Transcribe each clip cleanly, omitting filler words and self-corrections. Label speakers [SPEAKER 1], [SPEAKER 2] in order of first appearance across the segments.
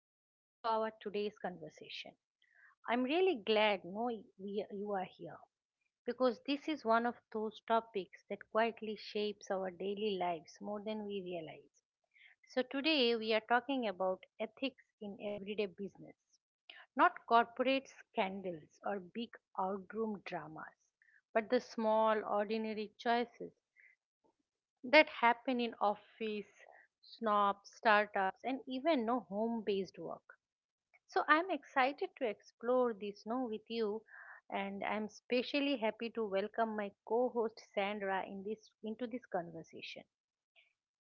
[SPEAKER 1] Welcome to our today's conversation. I'm really glad no, we, you are here because this is one of those topics that quietly shapes our daily lives more than we realize. So, today we are talking about ethics in everyday business, not corporate scandals or big outroom dramas, but the small, ordinary choices that happen in office, snob, startups, and even no home based work. So I'm excited to explore this now with you, and I'm especially happy to welcome my co-host Sandra in this into this conversation.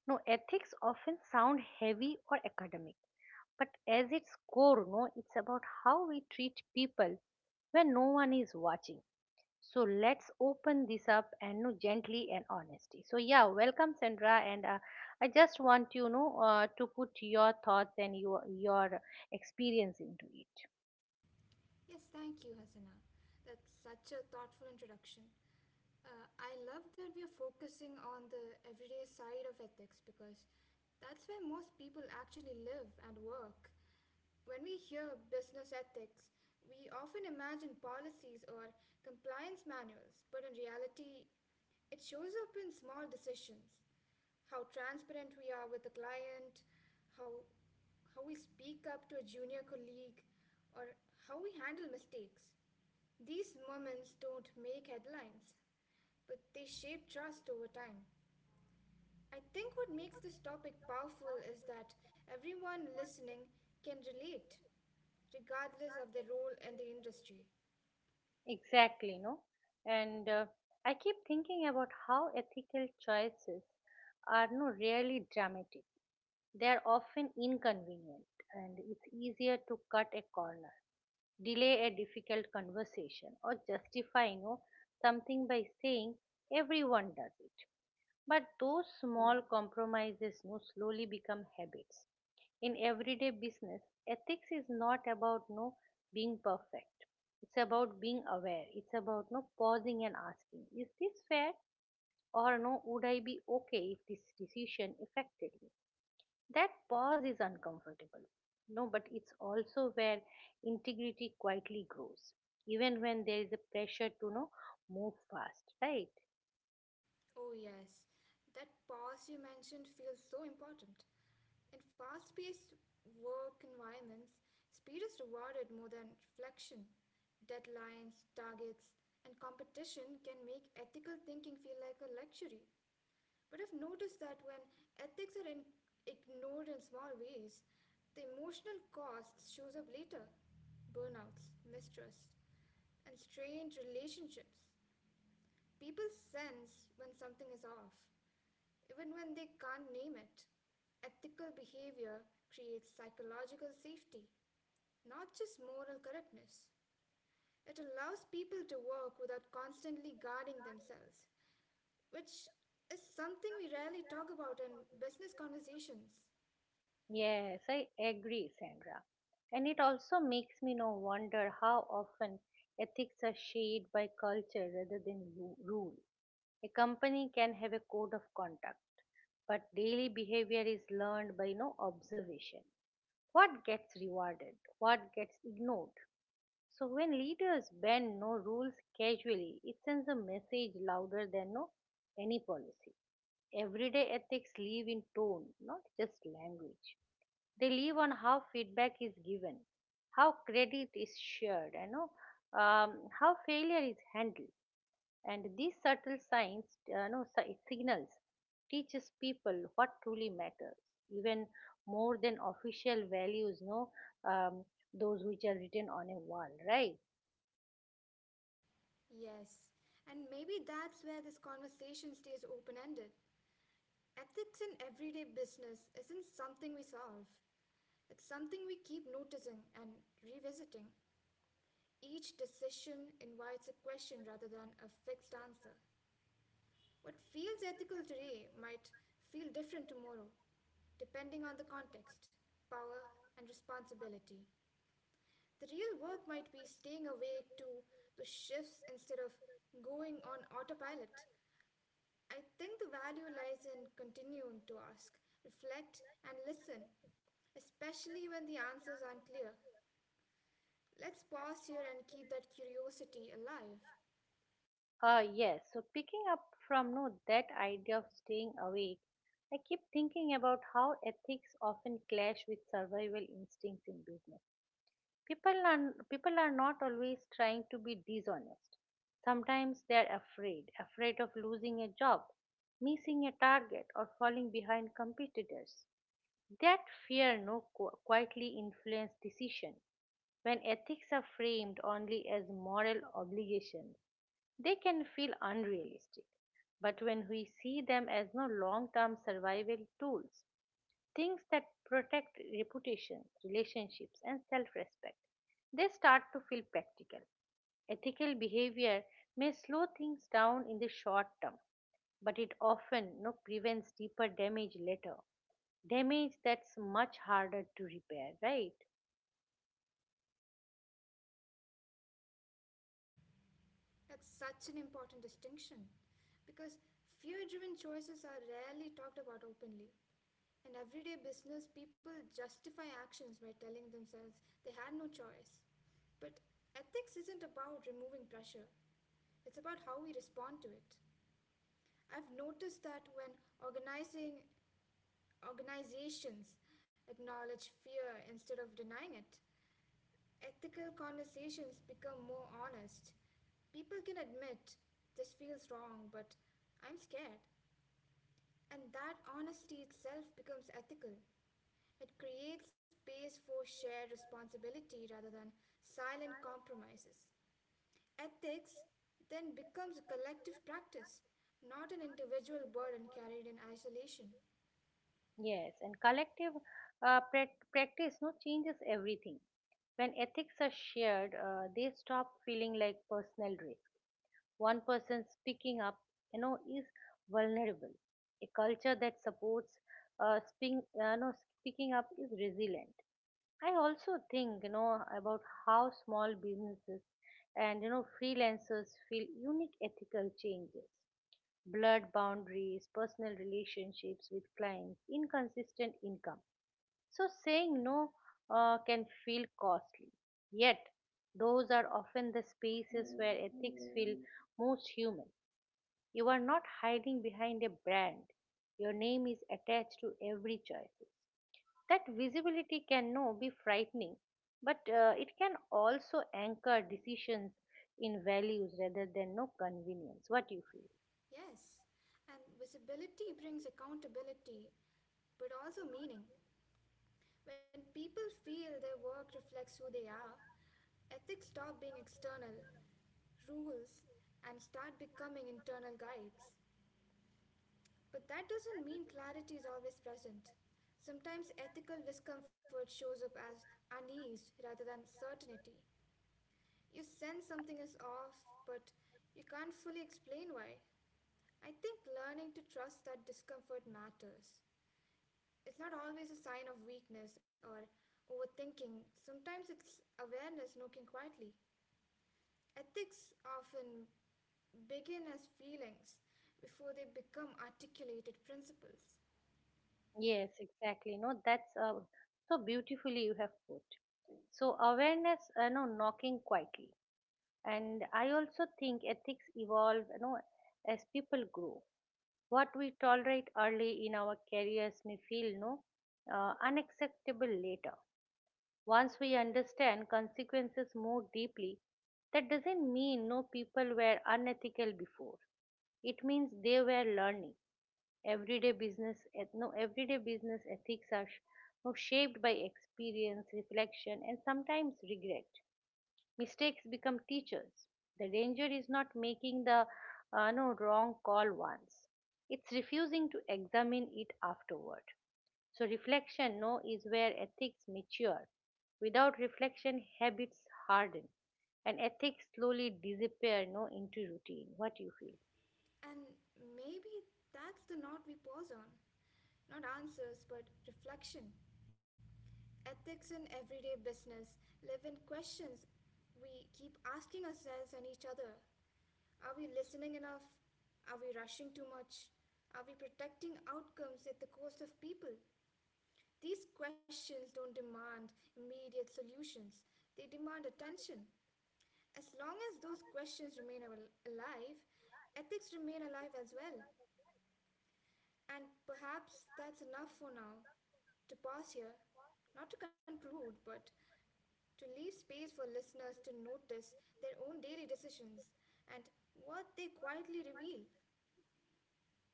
[SPEAKER 1] Now ethics often sound heavy or academic, but as its core, no, it's about how we treat people when no one is watching. So let's open this up and no, gently and honesty. So yeah, welcome Sandra, and I just want to put your thoughts and your experience into it.
[SPEAKER 2] Yes, thank you, Hasana. That's such a thoughtful introduction. I love that we are focusing on the everyday side of ethics because that's where most people actually live and work. When we hear business ethics, we often imagine policies or compliance manuals, but in reality, it shows up in small decisions how transparent we are with the client, how how we speak up to a junior colleague, or how we handle mistakes. These moments don't make headlines, but they shape trust over time. I think what makes this topic powerful is that everyone listening can relate, regardless of their role in the industry.
[SPEAKER 1] Exactly, no? And I keep thinking about how ethical choices are no really dramatic. They are often inconvenient, and it's easier to cut a corner, delay a difficult conversation, or justify no something by saying everyone does it. But those small compromises now slowly become habits. In everyday business, ethics is not about no being perfect. It's about being aware. It's about no pausing and asking, is this fair or no? Would I be okay if this decision affected me? That pause is uncomfortable. No, but it's also where integrity quietly grows, even when there is a pressure to no move fast, right?
[SPEAKER 2] Oh, yes. That pause you mentioned feels so important. In fast paced work environments, speed is rewarded more than reflection. Deadlines, targets, and competition can make ethical thinking feel like a luxury. But I've noticed that when ethics are in, ignored in small ways, the emotional cost shows up later burnouts, mistrust, and strained relationships. People sense when something is off, even when they can't name it. Ethical behavior creates psychological safety, not just moral correctness. It allows people to work without constantly guarding themselves, which is something we rarely talk about in business conversations.
[SPEAKER 1] Yes, I agree, Sandra. And it also makes me now wonder how often ethics are shaped by culture rather than rule. A company can have a code of conduct, but daily behavior is learned by no observation. What gets rewarded, what gets ignored. So when leaders bend no rules casually, it sends a message louder than no any policy. Everyday ethics live in tone, not just language. They live on how feedback is given, how credit is shared, um, how failure is handled, and these subtle signs, signals teaches people what truly matters, even more than official values, no, um, those which are written on a wall, right?
[SPEAKER 2] Yes, and maybe that's where this conversation stays open ended. Ethics in everyday business isn't something we solve, it's something we keep noticing and revisiting. Each decision invites a question rather than a fixed answer. What feels ethical today might feel different tomorrow, depending on the context, power, and responsibility. The real work might be staying awake to the shifts instead of going on autopilot. I think the value lies in continuing to ask, reflect, and listen, especially when the answers aren't clear. Let's pause here and keep that curiosity alive.
[SPEAKER 1] Yes. So picking up from no that idea of staying awake, I keep thinking about how ethics often clash with survival instincts in business. people are people are not always trying to be dishonest. Sometimes they are afraid of losing a job, missing a target, or falling behind competitors. That fear no quietly influence decision. When ethics are framed only as moral obligations, they can feel unrealistic, but when we see them as no long term survival tools, things that protect reputations, relationships, and self respect. They start to feel practical. Ethical behavior may slow things down in the short term, but it often, prevents deeper damage later. Damage that's much harder to repair, right?
[SPEAKER 2] That's such an important distinction because fear driven choices are rarely talked about openly. In everyday business, people justify actions by telling themselves they had no choice. But ethics isn't about removing pressure, it's about how we respond to it. I've noticed that when organizing organizations acknowledge fear instead of denying it. Ethical conversations become more honest. People can admit, this feels wrong, but I'm scared. And that honesty itself becomes ethical. It creates space for shared responsibility rather than silent compromises. Ethics then becomes a collective practice, not an individual burden carried in isolation.
[SPEAKER 1] Yes, and collective practice no changes everything. When ethics are shared, they stop feeling like personal risk. One person speaking up, is vulnerable. A culture that supports speaking no, speaking up is resilient. I also think, about how small businesses and, freelancers feel unique ethical changes, blurred boundaries, personal relationships with clients, inconsistent income, so saying no can feel costly. Yet, those are often the spaces where ethics feel most human. You are not hiding behind a brand. Your name is attached to every choice. That visibility can no be frightening, but it can also anchor decisions in values rather than no convenience. What do you feel?
[SPEAKER 2] Yes, and visibility brings accountability, but also meaning. When people feel their work reflects who they are, ethics stop being external rules and start becoming internal guides. But that doesn't mean clarity is always present. Sometimes ethical discomfort shows up as unease rather than certainty. You sense something is off, but you can't fully explain why. I think learning to trust that discomfort matters it's not always a sign of weakness or overthinking. Sometimes it's awareness knocking quietly. Ethics often begin as feelings before they become articulated principles.
[SPEAKER 1] Yes, exactly. No, that's so beautifully you have put. So awareness, no, knocking quietly. And I also think ethics evolve, as people grow. What we tolerate early in our careers may feel, no, unacceptable later. Once we understand consequences more deeply, that doesn't mean no people were unethical before. It means they were learning. Everyday business ethics are sh- no, shaped by experience, reflection, and sometimes regret. Mistakes become teachers. The danger is not making the no wrong call once; it's refusing to examine it afterward. So reflection, no, is where ethics mature. Without reflection, habits harden, and ethics slowly disappear, no, into routine. What do you feel?
[SPEAKER 2] And maybe that's the knot we pause on. Not answers, but reflection. Ethics in everyday business live in questions we keep asking ourselves and each other. Are we listening enough? Are we rushing too much? Are we protecting outcomes at the cost of people? These questions don't demand immediate solutions, they demand attention. As long as those questions remain alive, ethics remain alive as well. And perhaps that's enough for now. To pause here, not to conclude, but to leave space for listeners to notice their own daily decisions and what they quietly reveal.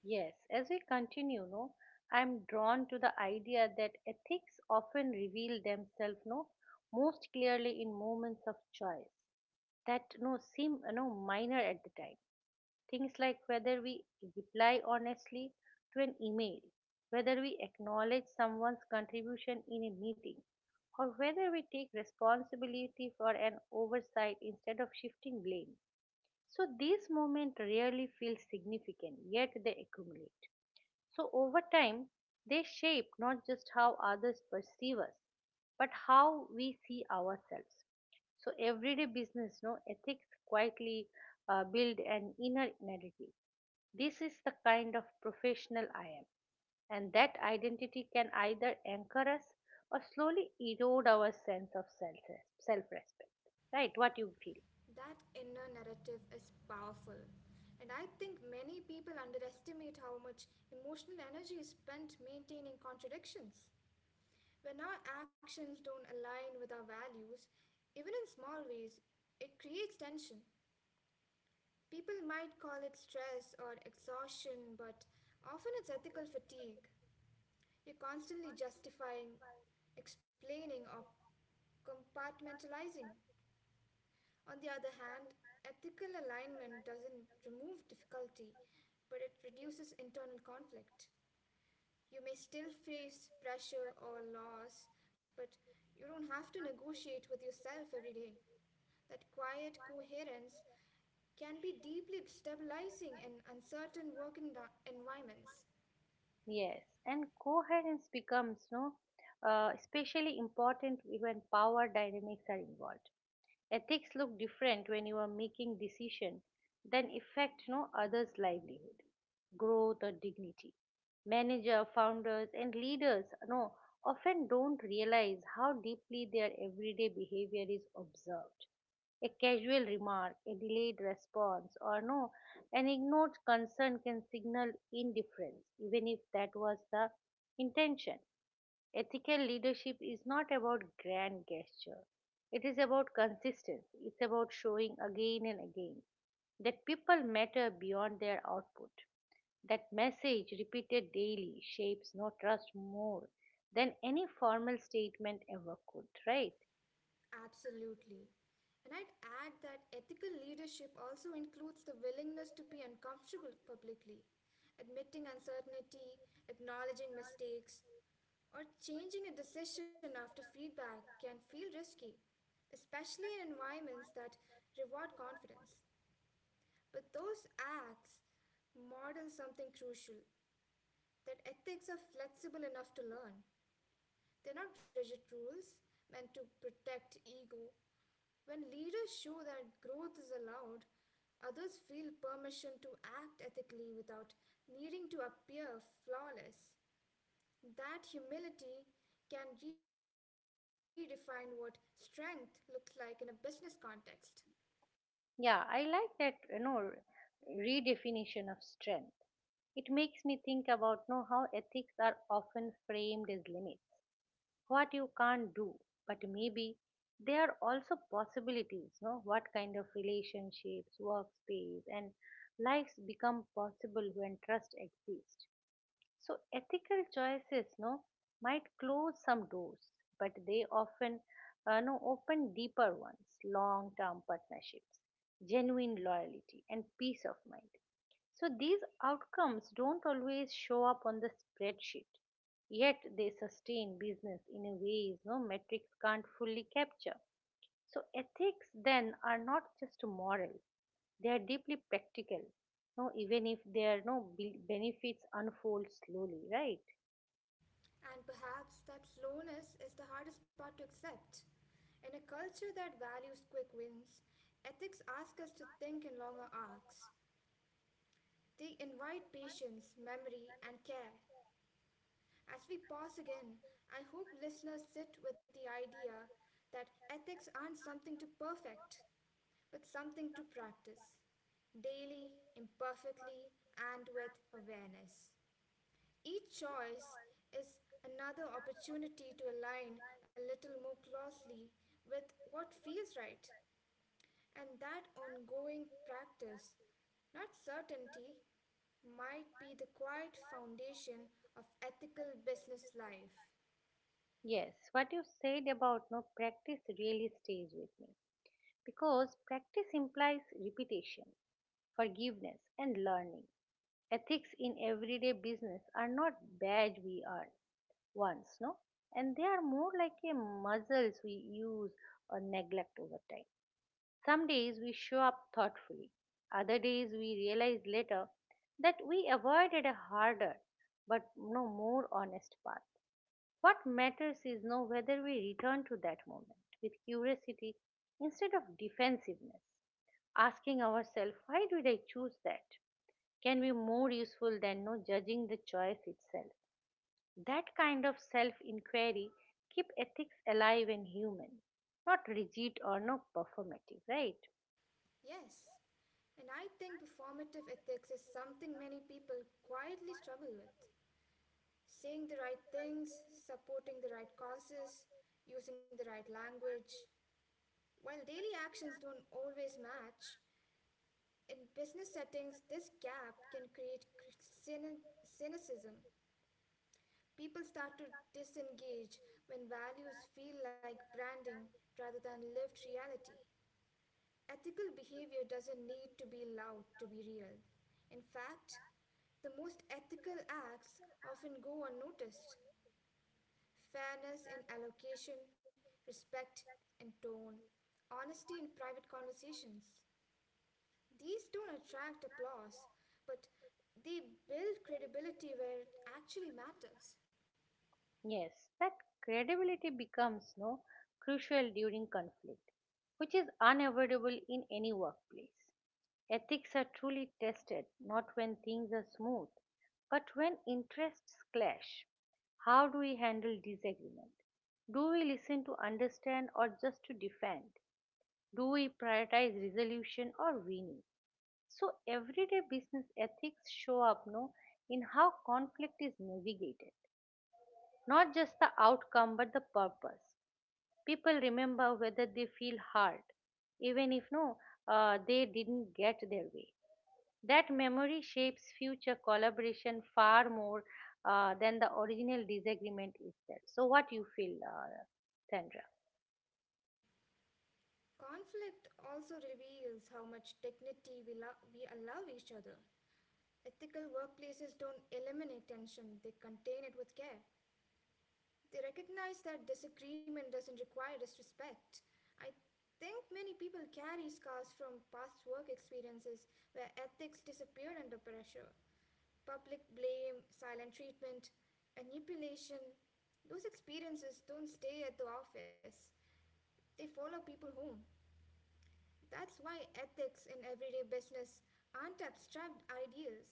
[SPEAKER 1] Yes, as we continue, no, I'm drawn to the idea that ethics often reveal themselves no most clearly in moments of choice that no seem no minor at the time. Things like whether we reply honestly to an email, whether we acknowledge someone's contribution in a meeting, or whether we take responsibility for an oversight instead of shifting blame. So these moments rarely feel significant, yet they accumulate. So over time, they shape not just how others perceive us, but how we see ourselves. So everyday business, no, ethics quietly build an inner narrative. This is the kind of professional I am, and that identity can either anchor us or slowly erode our sense of self respect. Right? What you feel?
[SPEAKER 2] That inner narrative is powerful. And I think many people underestimate how much emotional energy is spent maintaining contradictions. When our actions don't align with our values, even in small ways, it creates tension. People might call it stress or exhaustion, but often it's ethical fatigue. You're constantly justifying, explaining, or compartmentalizing. On the other hand, ethical alignment doesn't remove difficulty, but it reduces internal conflict. You may still face pressure or loss, but you don't have to negotiate with yourself every day. That quiet coherence can be deeply stabilizing in uncertain environments.
[SPEAKER 1] Yes, and coherence becomes no, especially important when power dynamics are involved. Ethics look different when you are making decision that affect no others' livelihood, growth, or dignity. Manager, founders, and leaders no often don't realize how deeply their everyday behavior is observed. A casual remark, a delayed response, or no, an ignored concern can signal indifference, even if that was the intention. Ethical leadership is not about grand gesture. It is about consistency. It's about showing again and again that people matter beyond their output. That message repeated daily shapes no trust more than any formal statement ever could, right?
[SPEAKER 2] Absolutely. And I'd add that ethical leadership also includes the willingness to be uncomfortable publicly, admitting uncertainty, acknowledging mistakes, or changing a decision after feedback can feel risky, especially in environments that reward confidence. But those acts model something crucial that ethics are flexible enough to learn. They're not rigid rules meant to protect ego. When leaders show that growth is allowed, others feel permission to act ethically without needing to appear flawless. That humility can redefine what strength looks like in a business context.
[SPEAKER 1] Yeah, I like that, redefinition of strength. It makes me think about, how ethics are often framed as limits, what you can't do, but maybe there are also possibilities no what kind of relationships, workspace, and lives become possible when trust exists. So ethical choices, no, might close some doors, but they often, no, open deeper ones, long-term partnerships, genuine loyalty, and peace of mind. So these outcomes don't always show up on the spreadsheet, yet they sustain business in a ways no metrics can't fully capture. So, ethics then are not just moral, they are deeply practical, no, even if their no benefits unfold slowly, right?
[SPEAKER 2] And perhaps that slowness is the hardest part to accept. In a culture that values quick wins, ethics ask us to think in longer arcs, they invite patience, memory, and care. As we pause again, I hope listeners sit with the idea that ethics aren't something to perfect, but something to practice daily, imperfectly, and with awareness. Each choice is another opportunity to align a little more closely with what feels right. And that ongoing practice, not certainty, might be the quiet foundation of ethical business life.
[SPEAKER 1] Yes, what you said about no practice really stays with me because practice implies repetition, forgiveness, and learning. Ethics in everyday business are not badge we earn once, no, and they are more like a muscles we use or neglect over time. Some days we show up thoughtfully, other days we realize later that we avoided a harder but no more honest path. What matters is know whether we return to that moment with curiosity instead of defensiveness, asking ourselves, why did I choose that? Can be more useful than no judging the choice itself. That kind of self inquiry keep ethics alive and human, not rigid or no performative, right?
[SPEAKER 2] Yes, and I think performative ethics is something many people quietly struggle with. Saying the right things, supporting the right causes, using the right language. While daily actions don't always match, in business settings, this gap can create cynicism. People start to disengage when values feel like branding rather than lived reality. Ethical behavior doesn't need to be loud to be real. In fact, the most ethical acts often go unnoticed. Fairness in allocation, respect in tone, honesty in private conversations. These don't attract applause, but they build credibility where it actually matters.
[SPEAKER 1] Yes, that credibility becomes no crucial during conflict, which is unavoidable in any workplace. Ethics are truly tested not when things are smooth, but when interests clash. How do we handle disagreement? Do we listen to understand or just to defend? Do we prioritize resolution or winning? So everyday business ethics show up no in how conflict is navigated, not just the outcome, but the purpose. People remember whether they feel hurt, even if no, they didn't get their way. That memory shapes future collaboration far more than the original disagreement itself. So, what you feel, Sandra?
[SPEAKER 2] Conflict also reveals how much dignity we allow each other. Ethical workplaces don't eliminate tension, they contain it with care. They recognize that disagreement doesn't require disrespect. I think many people carry scars from past work experiences where ethics disappeared under pressure. Public blame, silent treatment, manipulation, those experiences don't stay at the office, they follow people home. That's why ethics in everyday business aren't abstract ideals;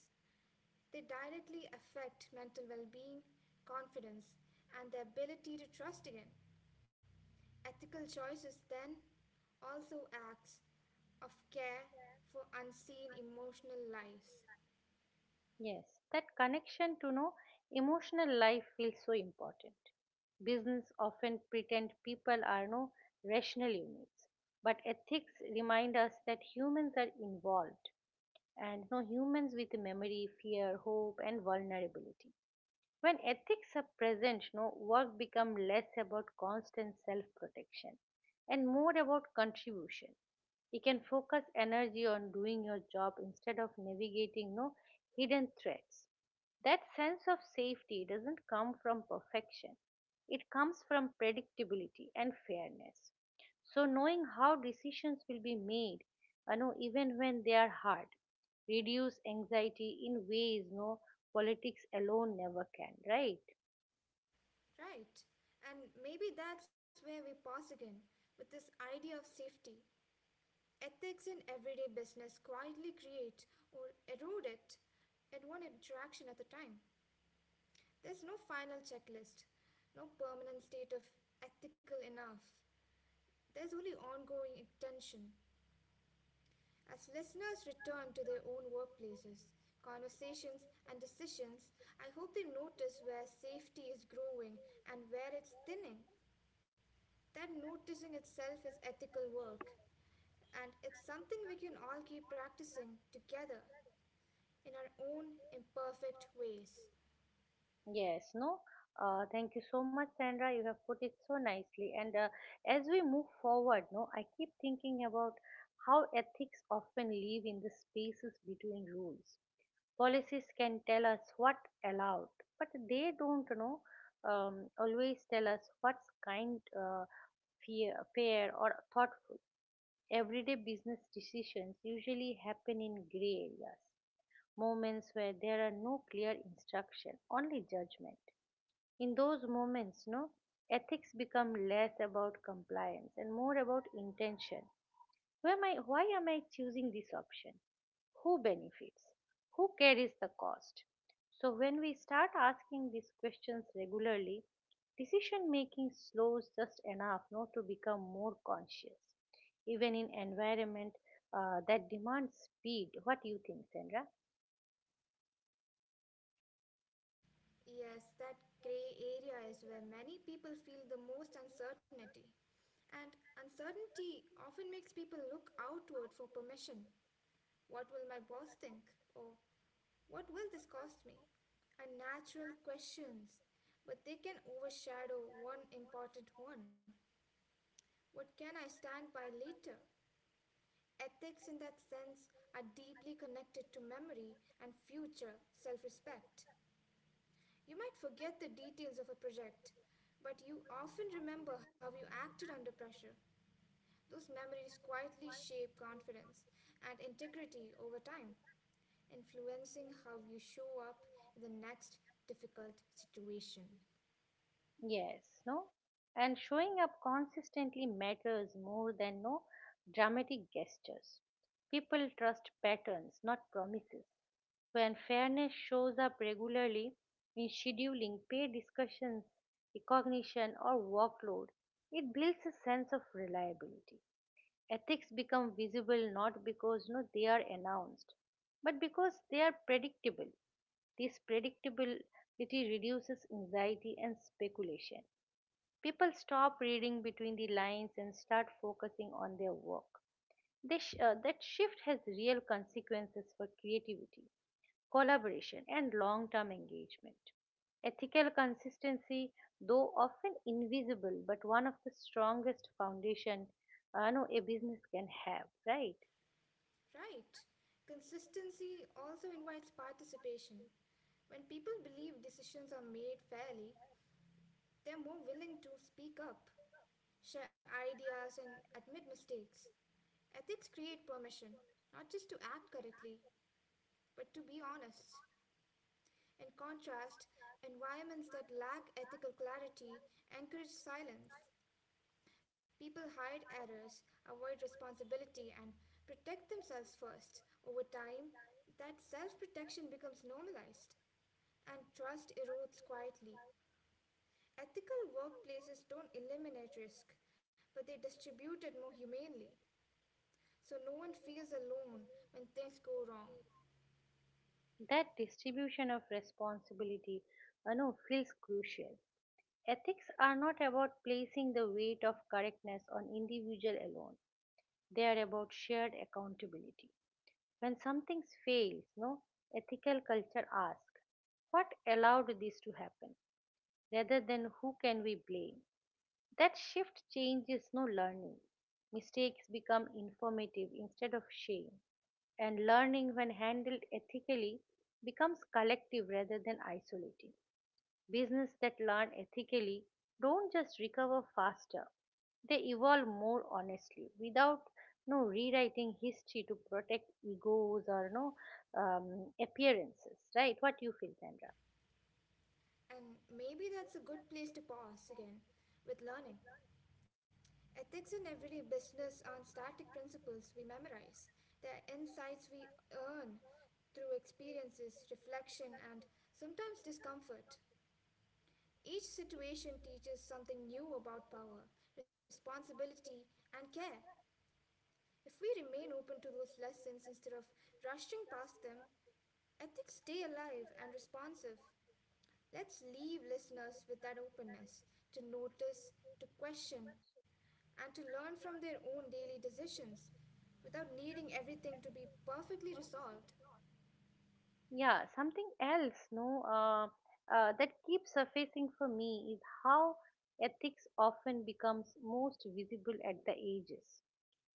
[SPEAKER 2] they directly affect mental well being, confidence, and the ability to trust again. Ethical choices then also acts of care for unseen emotional lives.
[SPEAKER 1] Yes, that connection to no emotional life feels so important. Business often pretend people are no rational units, but ethics remind us that humans are involved and no humans with memory, fear, hope, and vulnerability. When ethics are present, no work becomes less about constant self-protection and more about contribution. You can focus energy on doing your job instead of navigating no hidden threats. That sense of safety doesn't come from perfection. It comes from predictability and fairness. So, knowing how decisions will be made, even when they are hard, reduce anxiety in ways no politics alone never can, right?
[SPEAKER 2] Right? And maybe that's where we pause again with this idea of safety. Ethics in everyday business quietly create or erode it at one interaction at a time. There's no final checklist, no permanent state of ethical enough. There's only ongoing attention. As listeners return to their own workplaces, conversations, and decisions, I hope they notice where safety is growing and where it's thinning. That noticing itself is ethical work. And it's something we can all keep practicing together in our own imperfect ways.
[SPEAKER 1] Yes, no. Thank you so much, Sandra. You have put it so nicely. And as we move forward, no, I keep thinking about how ethics often live in the spaces between rules. Policies can tell us what allowed, but they don't know always tell us what's kind, fair, or thoughtful. Everyday business decisions usually happen in gray areas, moments where there are no clear instruction, only judgment. In those moments, no, ethics become less about compliance and more about intention. Why am I choosing this option? Who benefits? Who carries the cost? So, when we start asking these questions regularly, decision making slows just enough not to become more conscious. Even in environment that demands speed, what do you think, Sandra?
[SPEAKER 2] Yes, that grey area is where many people feel the most uncertainty. And uncertainty often makes people look outward for permission. What will my boss think? Or what will this cost me? Are natural questions, but they can overshadow one important one. What can I stand by later? Ethics, in that sense, are deeply connected to memory and future self respect. You might forget the details of a project, but you often remember how you acted under pressure. Those memories quietly shape confidence and integrity over time, influencing how you show up in the next difficult situation.
[SPEAKER 1] Yes, no? And showing up consistently matters more than no dramatic gestures. People trust patterns, not promises. When fairness shows up regularly in scheduling, pay discussions, recognition, or workload, it builds a sense of reliability. Ethics become visible not because they are announced but because they are predictable. This predictability reduces anxiety and speculation. People stop reading between the lines and start focusing on their work. That shift has real consequences for creativity, collaboration, and long term engagement. Ethical consistency, though often invisible, but one of the strongest foundation no, a business can have, right?
[SPEAKER 2] Right? Consistency also invites participation. When people believe decisions are made fairly, they're more willing to speak up, share ideas, and admit mistakes. Ethics create permission, not just to act correctly, but to be honest. In contrast, environments that lack ethical clarity encourage silence. People hide errors, avoid responsibility, and protect themselves first. Over time, that self protection becomes normalized, and trust erodes quietly. Ethical workplaces don't eliminate risk, but they distribute it more humanely, so no one feels alone when things go wrong.
[SPEAKER 1] That distribution of responsibility no, feels crucial. Ethics are not about placing the weight of correctness on individual alone. They are about shared accountability. When something fails, no ethical culture asks, what allowed this to happen, rather than who can we blame. That shift changes no learning. Mistakes become informative instead of shame, and learning, when handled ethically, becomes collective rather than isolating. Business that learn ethically don't just recover faster, they evolve more honestly without no rewriting history to protect egos or no appearances, right? What you feel, Sandra?
[SPEAKER 2] And maybe that's a good place to pause again with learning. Ethics in everyday business aren't static principles we memorize, they're insights we earn through experiences, reflection, and sometimes discomfort. Each situation teaches something new about power, responsibility, and care. If we remain open to those lessons instead of rushing past them, ethics stay alive and responsive. Let's leave listeners with that openness to notice, to question, and to learn from their own daily decisions without needing everything to be perfectly resolved.
[SPEAKER 1] Yeah, something else, no, that keeps surfacing for me is how ethics often becomes most visible at the ages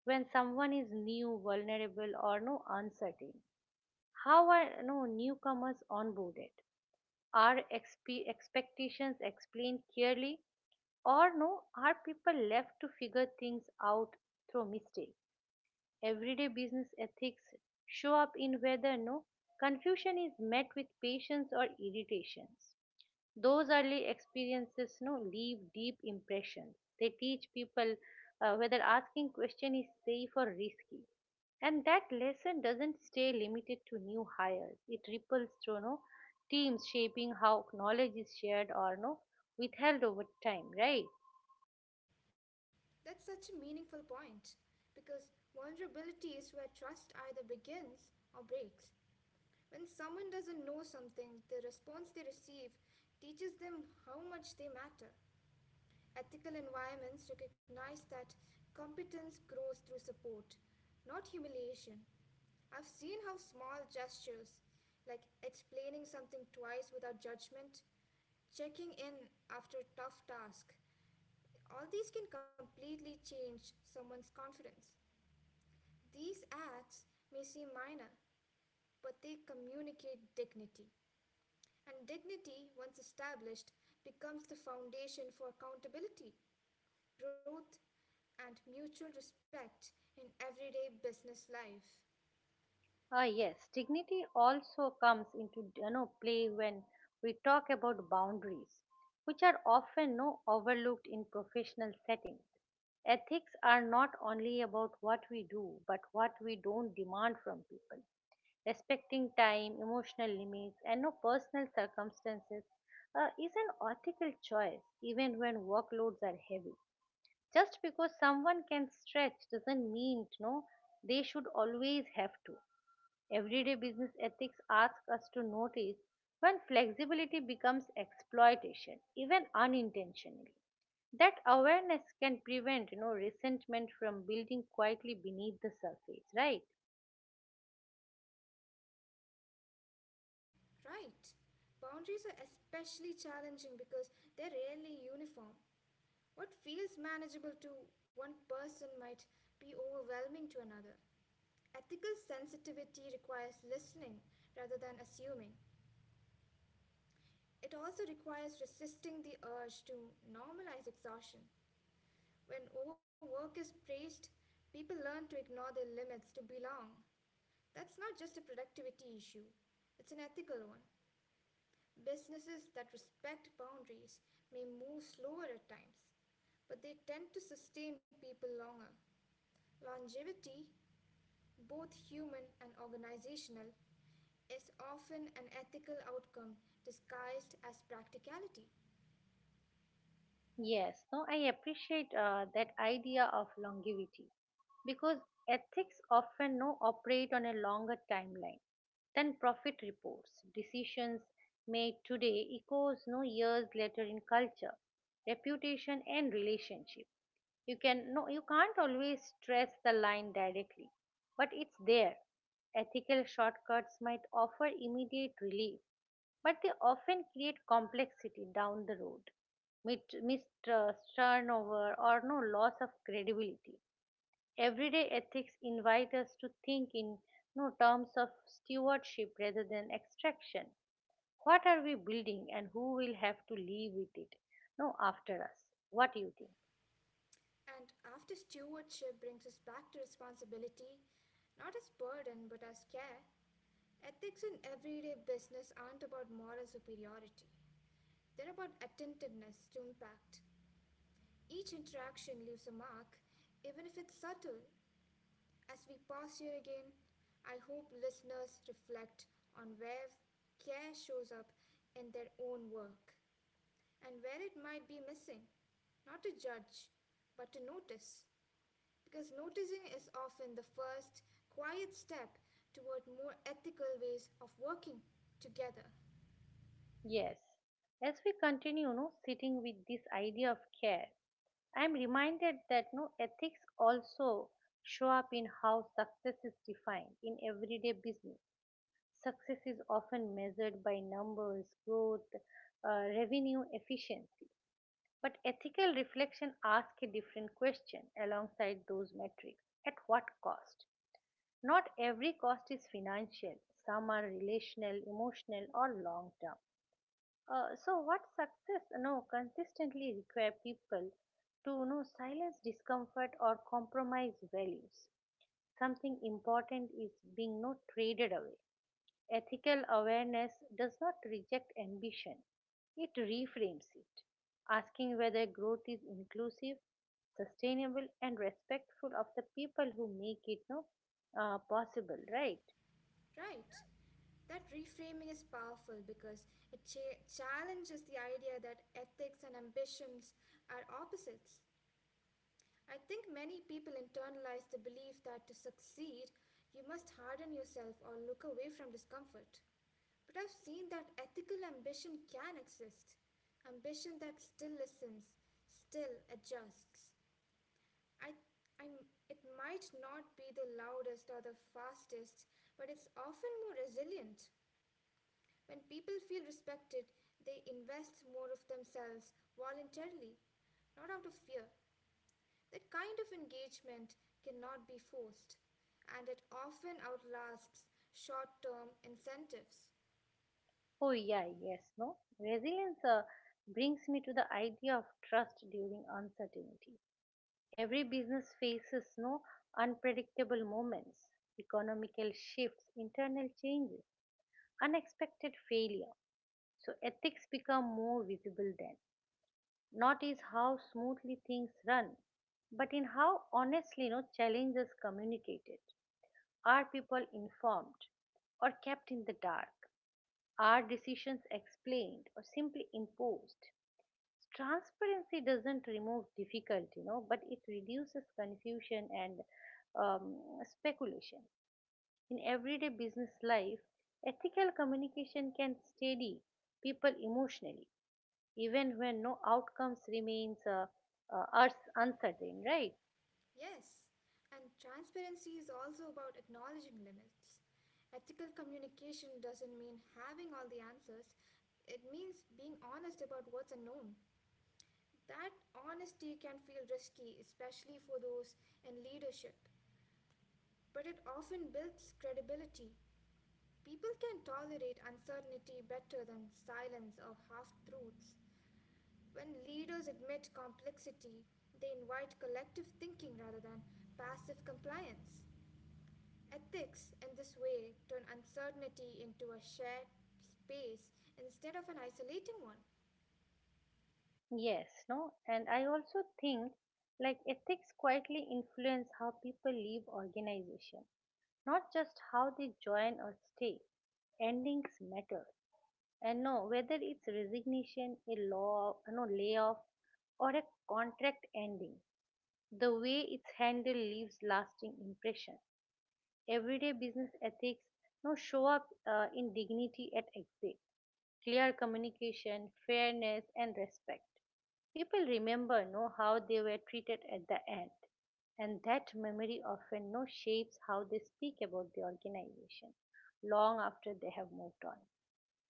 [SPEAKER 1] when someone is new, vulnerable, or no uncertain. How are no newcomers onboarded? Are expectations explained clearly, or no? Are people left to figure things out through mistakes? Everyday business ethics show up in whether no confusion is met with patience or irritations. Those early experiences no leave deep impressions. They teach people whether asking question is safe or risky. And that lesson doesn't stay limited to new hires. It ripples through no teams shaping how knowledge is shared or no withheld over time, right?
[SPEAKER 2] That's such a meaningful point because vulnerability is where trust either begins or breaks. When someone doesn't know something, the response they receive teaches them how much they matter. Ethical environments recognize that competence grows through support, not humiliation. I've seen how small gestures, like explaining something twice without judgment, checking in after a tough task, all these can completely change someone's confidence. These acts may seem minor, but they communicate dignity. And dignity, once established, becomes the foundation for accountability truth and mutual respect in everyday business life.
[SPEAKER 1] Ah, yes, dignity also comes into play when we talk about boundaries, which are often no overlooked in professional settings. Ethics are not only about what we do, but what we don't demand from people. Respecting time, emotional limits, and no personal circumstances is an ethical choice, even when workloads are heavy. Just because someone can stretch doesn't mean no they should always have to. Everyday business ethics asks us to notice when flexibility becomes exploitation, even unintentionally. That awareness can prevent resentment from building quietly beneath the surface, right?
[SPEAKER 2] Right. Boundaries are especially challenging because they're rarely uniform. What feels manageable to one person might be overwhelming to another. Ethical sensitivity requires listening rather than assuming. It also requires resisting the urge to normalize exhaustion. When overwork is praised, people learn to ignore their limits to belong. That's not just a productivity issue, it's an ethical one. Businesses that respect boundaries may move slower at times, but they tend to sustain people longer. Longevity, both human and organizational, is often an ethical outcome disguised as practicality.
[SPEAKER 1] Yes, no, I appreciate that idea of longevity because ethics often no operate on a longer timeline than profit reports. Decisions made today echoes no years later in culture, reputation, and relationship. You can't always stress the line directly, but it's there. Ethical shortcuts might offer immediate relief, but they often create complexity down the road. Mistrust, turnover, or no loss of credibility. Everyday ethics invite us to think in no terms of stewardship rather than extraction. What are we building, and who will have to live with it? No, after us. What do you think?
[SPEAKER 2] And after stewardship brings us back to responsibility, not as burden but as care, ethics in everyday business aren't about moral superiority. They're about attentiveness to impact. Each interaction leaves a mark, even if it's subtle. As we pause here again, I hope listeners reflect on where care shows up in their own work and where it might be missing. Not to judge, but to notice. Because noticing is often the first quiet step toward more ethical ways of working together.
[SPEAKER 1] Yes. As we continue, no, sitting with this idea of care, I am reminded that no ethics also show up in how success is defined in everyday business. Success is often measured by numbers, growth, revenue, efficiency. But ethical reflection asks a different question alongside those metrics. At what cost? Not every cost is financial. Some are relational, emotional, or long term. So, what success? No, consistently require people to no silence discomfort or compromise values. Something important is being not traded away. Ethical awareness does not reject ambition, it reframes it, asking whether growth is inclusive, sustainable, and respectful of the people who make it no, possible, right?
[SPEAKER 2] Right. That reframing is powerful because it challenges the idea that ethics and ambitions are opposites. I think many people internalize the belief that to succeed, you must harden yourself or look away from discomfort. But I've seen that ethical ambition can exist. Ambition that still listens, still adjusts. I, I'm, it might not be the loudest or the fastest, but it's often more resilient. When people feel respected, they invest more of themselves voluntarily, not out of fear. That kind of engagement cannot be forced, and it often outlasts short term incentives.
[SPEAKER 1] Oh, yeah, yes, no. Resilience brings me to the idea of trust during uncertainty. Every business faces no unpredictable moments, economical shifts, internal changes, unexpected failure. So ethics become more visible then. Not is how smoothly things run, but in how honestly no challenges communicated. Are people informed or kept in the dark? Are decisions explained or simply imposed? Transparency doesn't remove difficulty, but it reduces confusion and um, speculation. In everyday business life, ethical communication can steady people emotionally, even when no outcomes remains uncertain, right?
[SPEAKER 2] Yes, and transparency is also about acknowledging limits. Ethical communication doesn't mean having all the answers, it means being honest about what's unknown. That honesty can feel risky, especially for those in leadership, but it often builds credibility. People can tolerate uncertainty better than silence or half truths. When leaders admit complexity, they invite collective thinking rather than passive compliance. Ethics, in this way, turn uncertainty into a shared space instead of an isolating one,
[SPEAKER 1] Yes, no, and I also think like ethics quietly influence how people leave organization, not just how they join or stay. Endings matter. And no, whether it's resignation, no, layoff, or a contract ending, the way it's handled leaves lasting impression. Everyday business ethics now show up in dignity at exit, clear communication, fairness, and respect. People remember know how they were treated at the end, and that memory often no shapes how they speak about the organization long after they have moved on.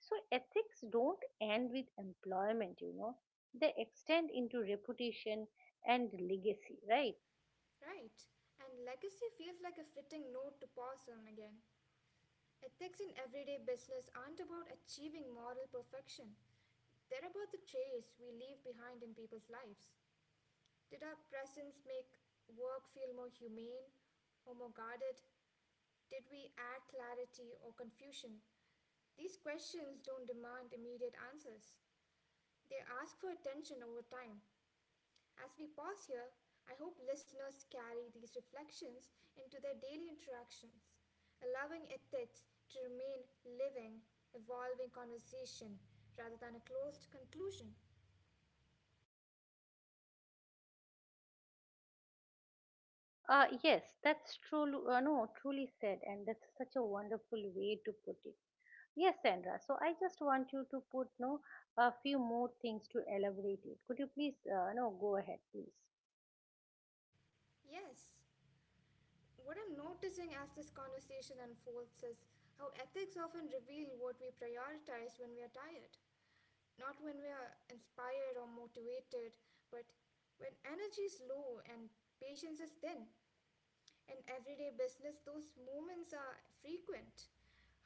[SPEAKER 1] So ethics don't end with employment. They extend into reputation and legacy, right?
[SPEAKER 2] right? And legacy feels like a fitting note to pause on again. Ethics in everyday business aren't about achieving moral perfection. They're about the trace we leave behind in people's lives. Did our presence make work feel more humane or more guarded? Did we add clarity or confusion? These questions don't demand immediate answers. They ask for attention over time. As we pause here, I hope listeners carry these reflections into their daily interactions, allowing ethics to remain living, evolving conversation rather than a closed conclusion.
[SPEAKER 1] Yes, that's true. No, truly said, and that's such a wonderful way to put it. Yes, Sandra. So I just want you to put no a few more things to elaborate it. Could you please no go ahead, please?
[SPEAKER 2] Yes, what I'm noticing as this conversation unfolds is how ethics often reveal what we prioritize when we are tired. Not when we are inspired or motivated, but when energy is low and patience is thin. In everyday business, those moments are frequent.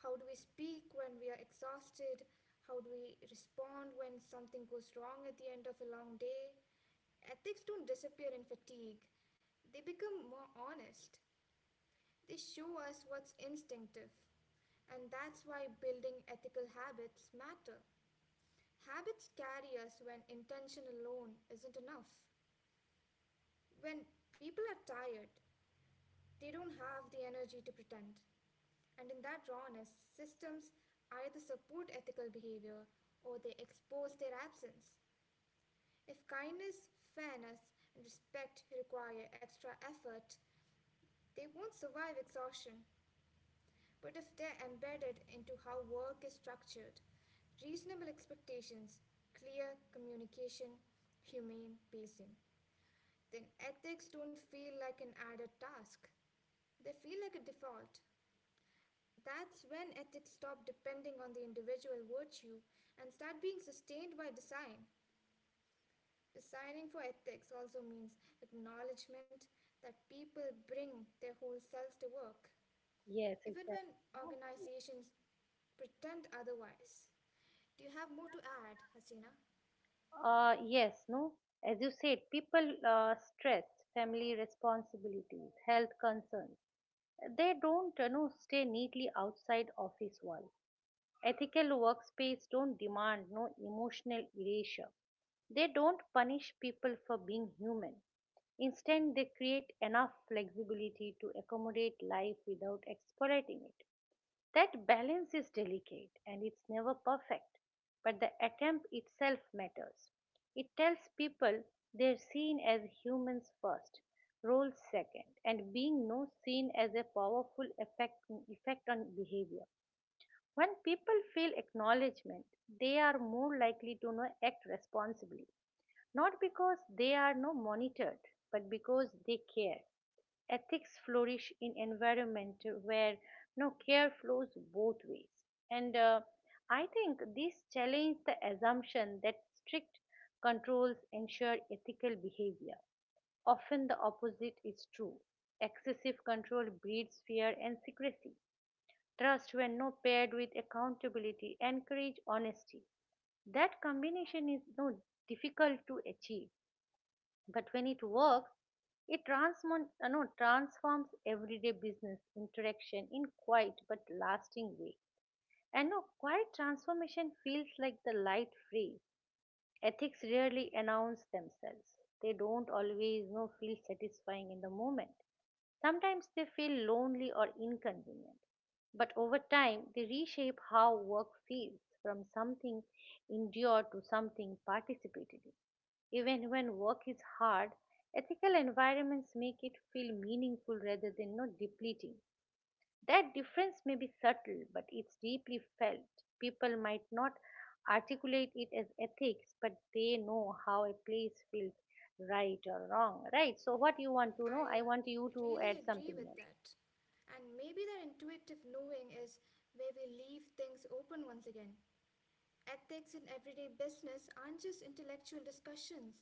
[SPEAKER 2] How do we speak when we are exhausted? How do we respond when something goes wrong at the end of a long day? Ethics don't disappear in fatigue, they become more honest. They show us what's instinctive. And that's why building ethical habits matter. Habits carry us when intention alone isn't enough. When people are tired, they don't have the energy to pretend. And in that rawness, systems either support ethical behavior or they expose their absence. If kindness, fairness, and respect require extra effort, they won't survive exhaustion. But if they're embedded into how work is structured, reasonable expectations, clear communication, humane pacing, then ethics don't feel like an added task. They feel like a default. That's when ethics stop depending on the individual virtue and start being sustained by design. Designing for ethics also means acknowledgement that people bring their whole selves to work,
[SPEAKER 1] Yes,
[SPEAKER 2] even when
[SPEAKER 1] exactly. No?
[SPEAKER 2] organizations pretend otherwise. Do you have more to add, Hasina?
[SPEAKER 1] Yes, no. As you said, people stress family responsibilities, health concerns. They don't stay neatly outside office walls. Ethical workspace don't demand no emotional erasure. They don't punish people for being human. Instead, they create enough flexibility to accommodate life without exploiting it. That balance is delicate and it's never perfect, but the attempt itself matters. It tells people they're seen as humans first, roles second, and being no seen as a powerful effect on behavior. When people feel acknowledgement, they are more likely to know act responsibly, not because they are no monitored, but because they care. Ethics flourish in environment where no care flows both ways, and I think this challenges the assumption that strict controls ensure ethical behavior. Often the opposite is true. Excessive control breeds fear and secrecy. Trust, when not paired with accountability, encourage honesty. That combination is no difficult to achieve, but when it works, it transform, no, transforms everyday business interaction in quiet but lasting way. And no, quiet transformation feels like the light phrase. Ethics rarely announce themselves. They don't always know feel satisfying in the moment. Sometimes they feel lonely or inconvenient. But over time, they reshape how work feels from something endured to something participated in. Even when work is hard, ethical environments make it feel meaningful rather than not depleting. That difference may be subtle, but it's deeply felt. People might not articulate it as ethics, but they know how a place feels right or wrong. Right, so what you want to know? I
[SPEAKER 2] I
[SPEAKER 1] want you
[SPEAKER 2] really
[SPEAKER 1] to add
[SPEAKER 2] agree with
[SPEAKER 1] something more.
[SPEAKER 2] that. And maybe that intuitive knowing is where we leave things open once again. Ethics in everyday business aren't just intellectual discussions,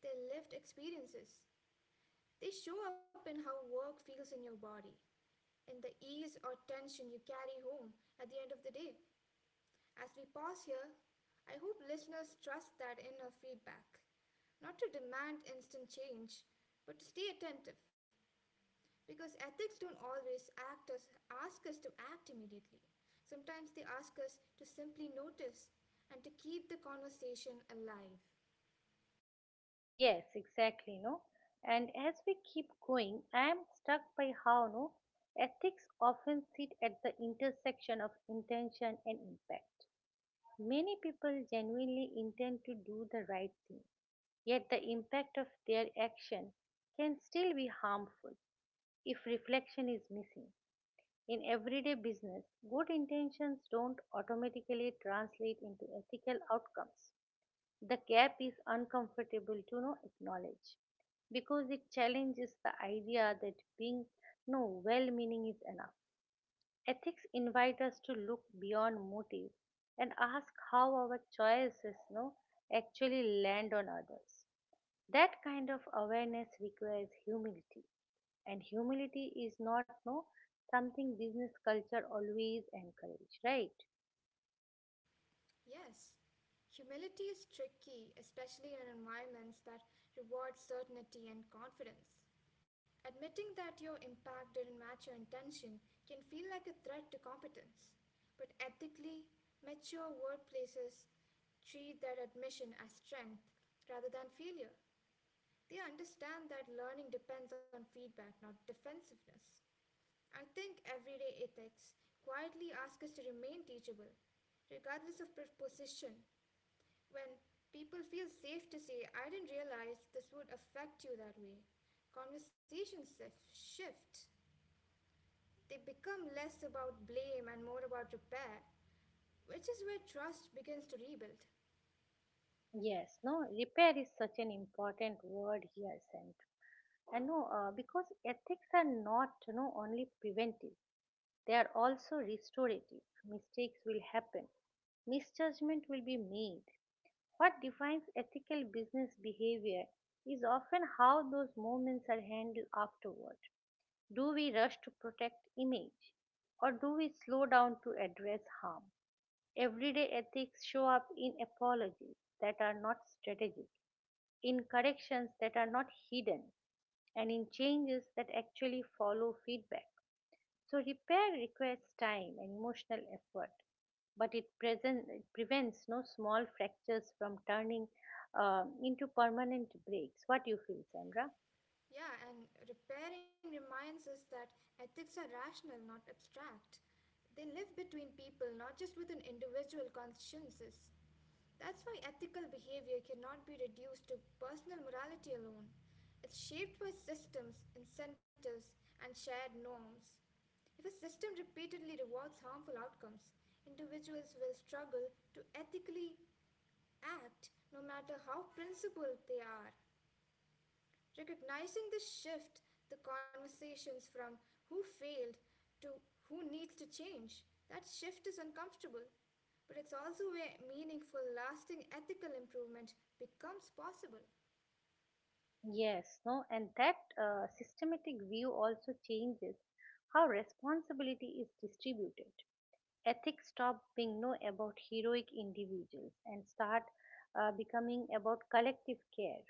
[SPEAKER 2] they're lived experiences. They show up in how work feels in your body, in the ease or tension you carry home at the end of the day. As we pause here, I hope listeners trust that inner feedback, not to demand instant change, but to stay attentive. Because ethics don't always ask us to act immediately. Sometimes they ask us to simply notice and to keep the conversation alive.
[SPEAKER 1] Yes, exactly, no. And as we keep going, I am struck by how no ethics often sit at the intersection of intention and impact. Many people genuinely intend to do the right thing, yet the impact of their action can still be harmful if reflection is missing. In everyday business, good intentions don't automatically translate into ethical outcomes. The gap is uncomfortable to no acknowledge because it challenges the idea that being no well meaning is enough. Ethics invite us to look beyond motive and ask how our choices no, actually land on others. That kind of awareness requires humility, and humility is not no something business culture always encourage, right?
[SPEAKER 2] Yes, humility is tricky, especially in environments that reward certainty and confidence. Admitting that your impact didn't match your intention can feel like a threat to competence. But ethically, mature workplaces treat that admission as strength rather than failure. They understand that learning depends on feedback, not defensiveness. I think everyday ethics quietly ask us to remain teachable, regardless of position. When people feel safe to say, I didn't realize this would affect you that way, conversations shift. They become less about blame and more about repair, which is where trust begins to rebuild.
[SPEAKER 1] Yes, no, repair is such an important word here, Sandra. And no, because ethics are not, only preventive. They are also restorative. Mistakes will happen, misjudgment will be made. What defines ethical business behavior is often how those moments are handled afterward. Do we rush to protect image or do we slow down to address harm? Everyday ethics show up in apologies that are not strategic, in corrections that are not hidden, and in changes that actually follow feedback. So repair requires time and emotional effort, but it prevents no small fractures from turning into permanent breaks. What you feel, Sandra?
[SPEAKER 2] Yeah, and repairing reminds us that ethics are rational, not abstract. They live between people, not just within individual consciences. That's why ethical behavior cannot be reduced to personal morality alone. It's shaped by systems, incentives, and shared norms. If a system repeatedly rewards harmful outcomes, individuals will struggle to ethically act no matter how principled they are. Recognizing the shift, the conversations from who failed to who needs to change, that shift is uncomfortable. But it's also where meaningful, lasting ethical improvement becomes possible.
[SPEAKER 1] Yes, no, and that systematic view also changes how responsibility is distributed. Ethics stop being no about heroic individuals and start becoming about collective care.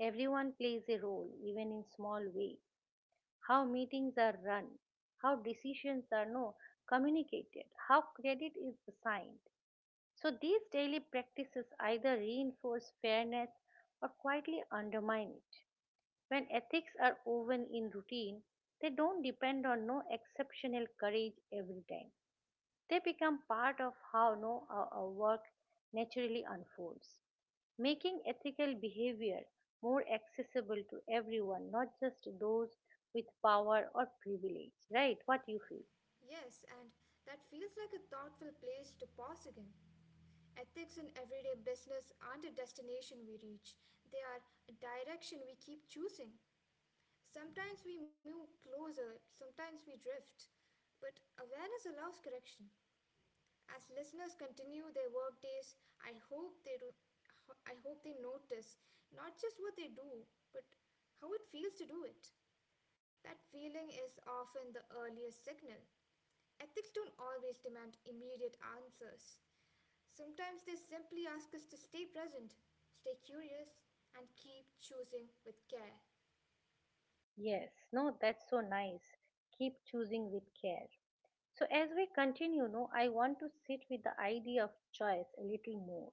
[SPEAKER 1] Everyone plays a role, even in small ways. How meetings are run, how decisions are no communicated, how credit is assigned. So these daily practices either reinforce fairness or quietly undermine it. When ethics are woven in routine, they don't depend on no exceptional courage every time. They become part of how no our work naturally unfolds, making ethical behavior more accessible to everyone, not just those with power or privilege, right? What you feel?
[SPEAKER 2] Yes, and that feels like a thoughtful place to pause again. Ethics in everyday business aren't a destination we reach, they are a direction we keep choosing. Sometimes we move closer, sometimes we drift, but awareness allows correction. As listeners continue their work days, I hope they notice not just what they do, but how it feels to do it. That feeling is often the earliest signal. Ethics don't always demand immediate answers. Sometimes they simply ask us to stay present, stay curious, and keep choosing with care.
[SPEAKER 1] Yes, no, that's so nice. Keep choosing with care. So, as we continue, no, I want to sit with the idea of choice a little more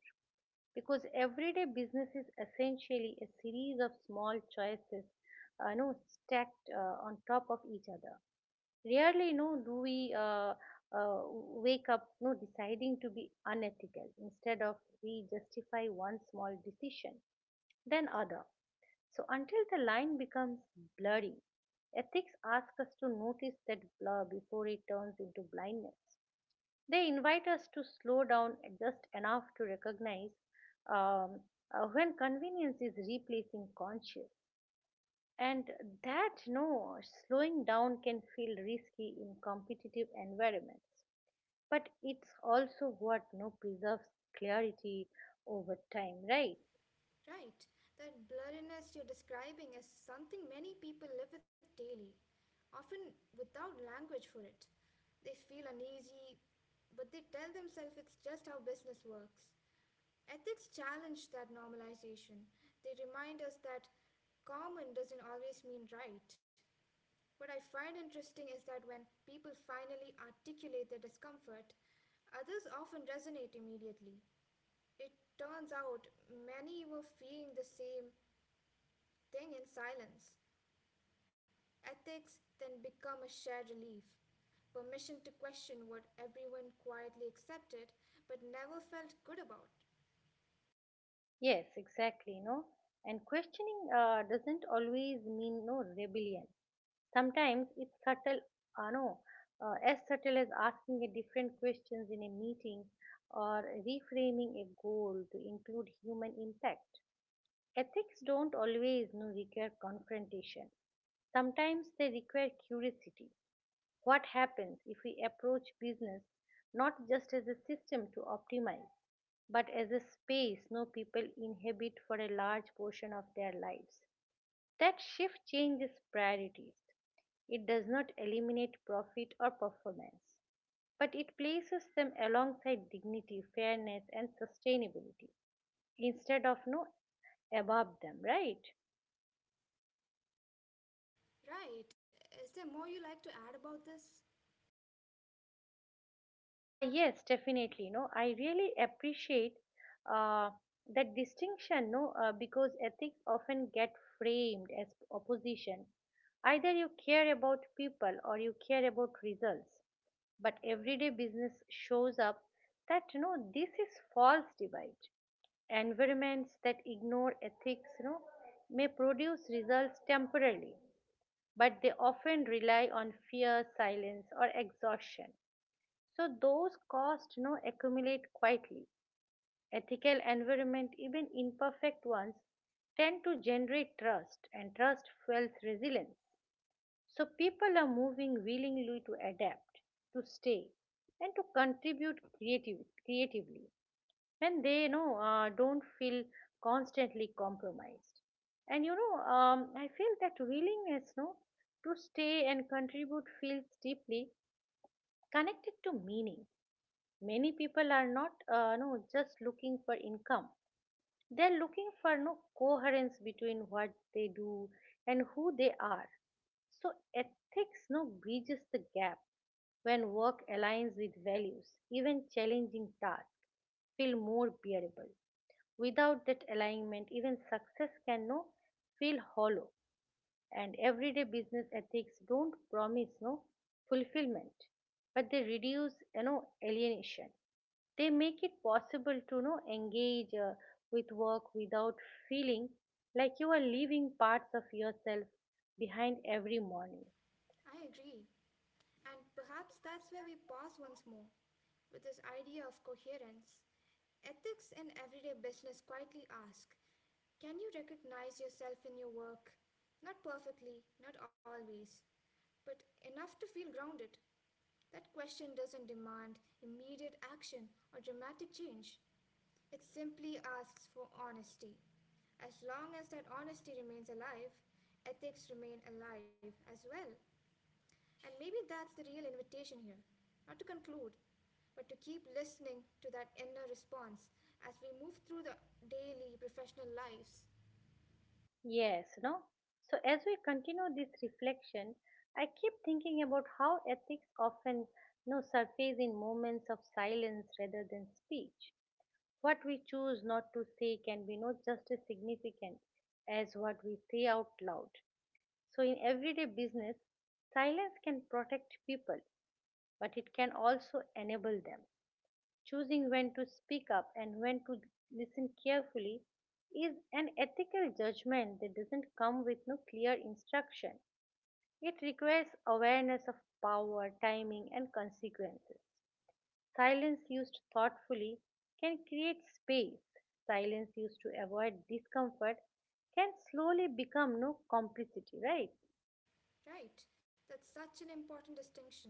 [SPEAKER 1] because everyday business is essentially a series of small choices, no, stacked on top of each other. Rarely do we uh, wake up, deciding to be unethical. Instead of, we justify one small decision, then other, so until the line becomes blurry. Ethics ask us to notice that blur before it turns into blindness. They invite us to slow down just enough to recognize um, when convenience is replacing conscience. And that, no, slowing down can feel risky in competitive environments, but it's also what, no, preserves clarity over time, right?
[SPEAKER 2] Right, that blurriness you're describing is something many people live with daily, often without language for it. They feel uneasy, but they tell themselves it's just how business works. Ethics challenge that normalization. They remind us that common doesn't always mean right. What I find interesting is that when people finally articulate their discomfort, others often resonate immediately. It turns out many were feeling the same thing in silence. Ethics then become a shared relief. Permission to question what everyone quietly accepted but never felt good about.
[SPEAKER 1] Yes, exactly. No, and questioning doesn't always mean, no, rebellion. Sometimes it's subtle, no, as subtle as asking a different questions in a meeting, or reframing a goal to include human impact. Ethics don't always, no, require confrontation. Sometimes they require curiosity. What happens if we approach business not just as a system to optimize, but as a space, no, people inhabit for a large portion of their lives? That shift changes priorities. It does not eliminate profit or performance, but it places them alongside dignity, fairness, and sustainability instead of, no, above them, right?
[SPEAKER 2] Right. Is there more you like to add about this?
[SPEAKER 1] Yes definitely. No, I really appreciate uh, that distinction. No, because ethics often get framed as opposition. Either you care about people or you care about results, but everyday business shows up that, this is false divide. Environments that ignore ethics, may produce results temporarily, but they often rely on fear, silence, or exhaustion. So those costs, accumulate quietly. Ethical environment, even imperfect ones, tend to generate trust, and trust fuels resilience. So people are moving willingly to adapt, to stay, and to contribute creative, creatively, when they, don't feel constantly compromised. And I feel that willingness, no, to stay and contribute feels deeply connected to meaning. Many people are not, no, just looking for income. They are looking for, no, coherence between what they do and who they are. So ethics, no, bridges the gap. When work aligns with values, even challenging tasks feel more bearable. Without that alignment, even success can, no, feel hollow. And everyday business ethics don't promise, no, fulfillment, but they reduce, alienation. They make it possible to, engage with work without feeling like you are leaving parts of yourself behind every morning.
[SPEAKER 2] I agree. And perhaps that's where we pause once more with this idea of coherence. Ethics in everyday business quietly ask, can you recognize yourself in your work? Not perfectly, not always, but enough to feel grounded. That question doesn't demand immediate action or dramatic change. It simply asks for honesty. As long as that honesty remains alive, ethics remain alive as well. And maybe that's the real invitation here, not to conclude, but to keep listening to that inner response as we move through the daily professional lives.
[SPEAKER 1] Yes. No, so as we continue this reflection, I keep thinking about how ethics often, surface in moments of silence rather than speech. What we choose not to say can be not just as significant as what we say out loud. So, in everyday business, silence can protect people, but it can also enable them. Choosing when to speak up and when to listen carefully is an ethical judgment that doesn't come with no clear instruction. It requires awareness of power, timing, and consequences. Silence used thoughtfully can create space. Silence used to avoid discomfort can slowly become, no, complicity, right?
[SPEAKER 2] Right, that's such an important distinction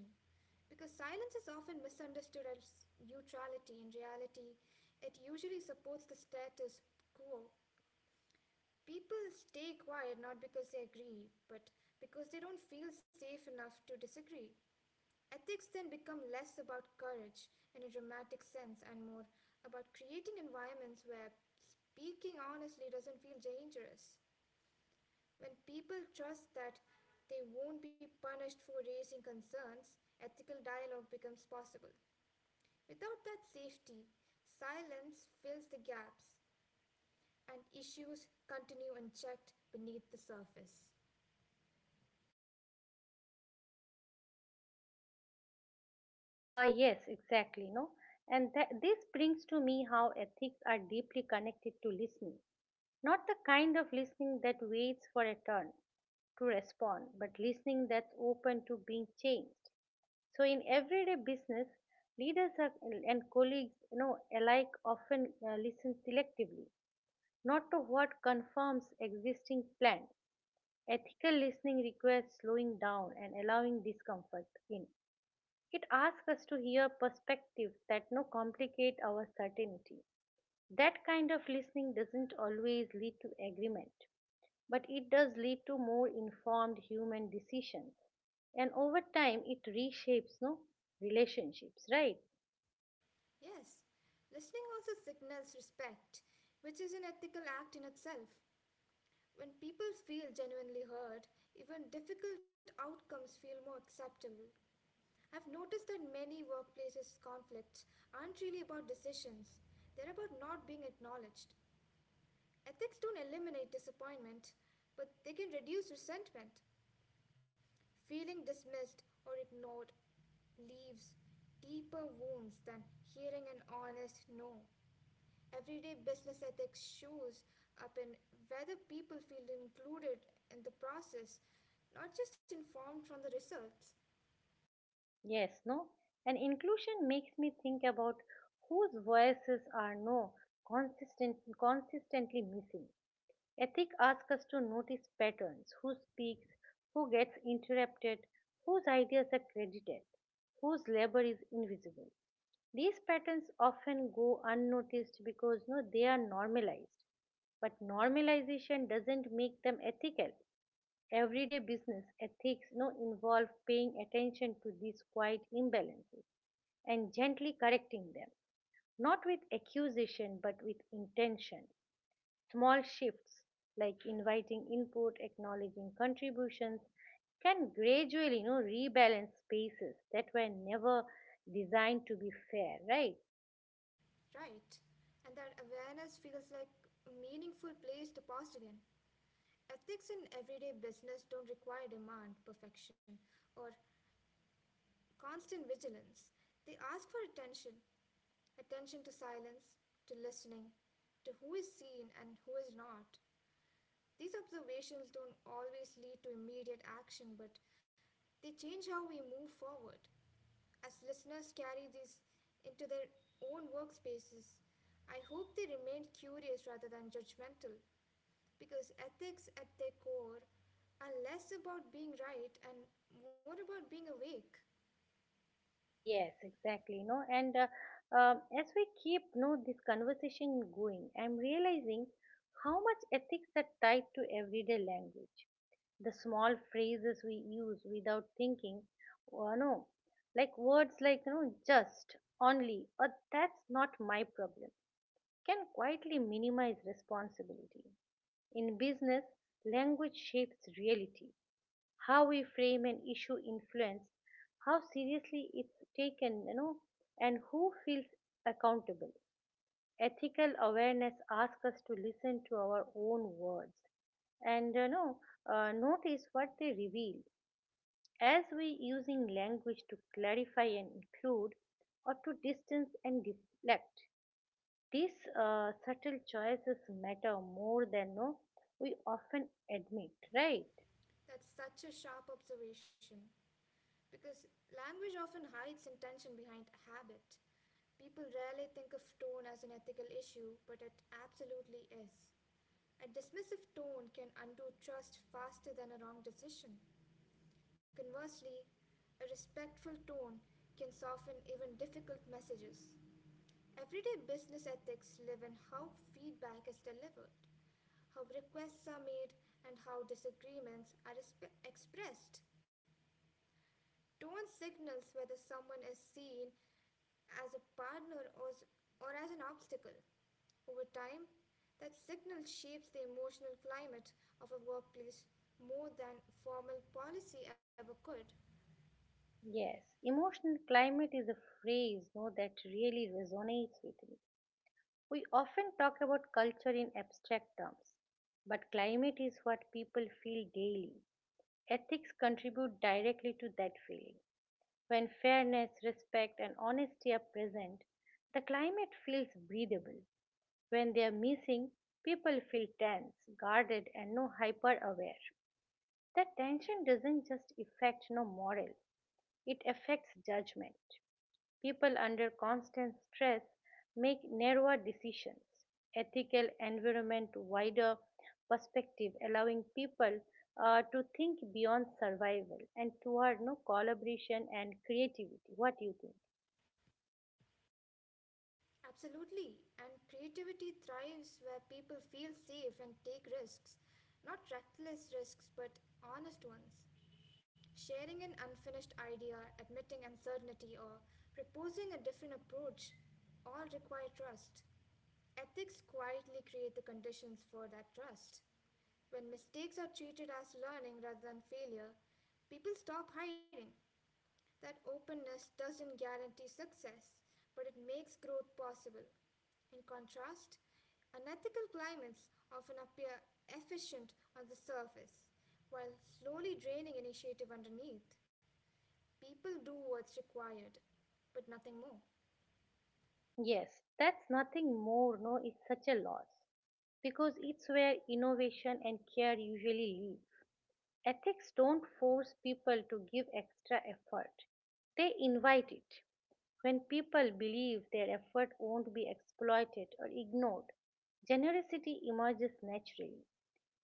[SPEAKER 2] because silence is often misunderstood as neutrality. In reality, it usually supports the status quo. People stay quiet not because they agree, but because they don't feel safe enough to disagree. Ethics then become less about courage in a dramatic sense and more about creating environments where speaking honestly doesn't feel dangerous. When people trust that they won't be punished for raising concerns, ethical dialogue becomes possible. Without that safety, silence fills the gaps and issues continue unchecked beneath the surface.
[SPEAKER 1] Yes, exactly. No, and this brings to me how ethics are deeply connected to listening. Not the kind of listening that waits for a turn to respond, but listening that's open to being changed. So in everyday business, leaders are, and colleagues, alike often listen selectively, not to what confirms existing plans. Ethical listening requires slowing down and allowing discomfort in. It asks us to hear perspectives that, no, complicate our certainty. That kind of listening doesn't always lead to agreement, but it does lead to more informed human decisions. And over time, it reshapes, no, relationships, right?
[SPEAKER 2] Yes, listening also signals respect, which is an ethical act in itself. When people feel genuinely heard, even difficult outcomes feel more acceptable. I've noticed that many workplaces conflicts aren't really about decisions, they're about not being acknowledged. Ethics don't eliminate disappointment, but they can reduce resentment. Feeling dismissed or ignored leaves deeper wounds than hearing an honest no. Everyday business ethics shows up in whether people feel included in the process, not just informed from the results,
[SPEAKER 1] Yes. No? And inclusion makes me think about whose voices are, no, consistent, consistently missing. Ethic asks us to notice patterns: who speaks, who gets interrupted, whose ideas are credited, whose labor is invisible. These patterns often go unnoticed because, no, they are normalized. But normalization doesn't make them ethical. Everyday business ethics now involve paying attention to these quiet imbalances and gently correcting them, not with accusation but with intention. Small shifts like inviting input, acknowledging contributions can gradually, rebalance spaces that were never designed to be fair, right?
[SPEAKER 2] right? And that awareness feels like a meaningful place to pause again. Ethics in everyday business don't require demand perfection or constant vigilance. They ask for attention, attention to silence, to listening, to who is seen and who is not. These observations don't always lead to immediate action, but they change how we move forward. As listeners carry these into their own workspaces, I hope they remain curious rather than judgmental because ethics at their core are less about being right and more about being awake.
[SPEAKER 1] Yes, exactly. You know, and as we keep, this conversation going, I'm realizing how much ethics are tied to everyday language. The small phrases we use without thinking, or, no, like words like, just, only, or that's not my problem, can quietly minimize responsibility. In business, language shapes reality. How we frame an issue influence how seriously it's taken, and who feels accountable. Ethical awareness asks us to listen to our own words, and, notice what they reveal. As we using language to clarify and include, or to distance and deflect, these subtle choices matter more than, no, we often admit, right?
[SPEAKER 2] That's such a sharp observation because language often hides intention behind habit. People rarely think of tone as an ethical issue, but it absolutely is. A dismissive tone can undo trust faster than a wrong decision. Conversely, a respectful tone can soften even difficult messages. Everyday business ethics live in how feedback is delivered, how requests are made, and how disagreements are expressed. Tone signals whether someone is seen as a partner, or as an obstacle. Over time, that signal shapes the emotional climate of a workplace more than formal policy ever could.
[SPEAKER 1] Yes, emotional climate is a phrase, no, that really resonates with me. We often talk about culture in abstract terms, but climate is what people feel daily. Ethics contribute directly to that feeling. When fairness, respect, and honesty are present, the climate feels breathable. When they are missing, people feel tense, guarded, and, no, hyper aware. That tension doesn't just affect, no, moral, it affects judgment. People under constant stress make narrower decisions. Ethical environment, wider perspective, allowing people to think beyond survival and toward, no, collaboration and creativity. What do you think?
[SPEAKER 2] Absolutely. And creativity thrives where people feel safe and take risks. Not reckless risks, but honest ones. Sharing an unfinished idea, admitting uncertainty, or proposing a different approach all require trust. Ethics quietly create the conditions for that trust. When mistakes are treated as learning rather than failure, people stop hiding. That openness doesn't guarantee success, but it makes growth possible. In contrast, unethical climates often appear efficient on the surface, while slowly draining initiative underneath. People do what's required, but nothing more.
[SPEAKER 1] Yes, that's nothing more, no, it's such a loss because it's where innovation and care usually live. Ethics don't force people to give extra effort, they invite it. When people believe their effort won't be exploited or ignored, generosity emerges naturally.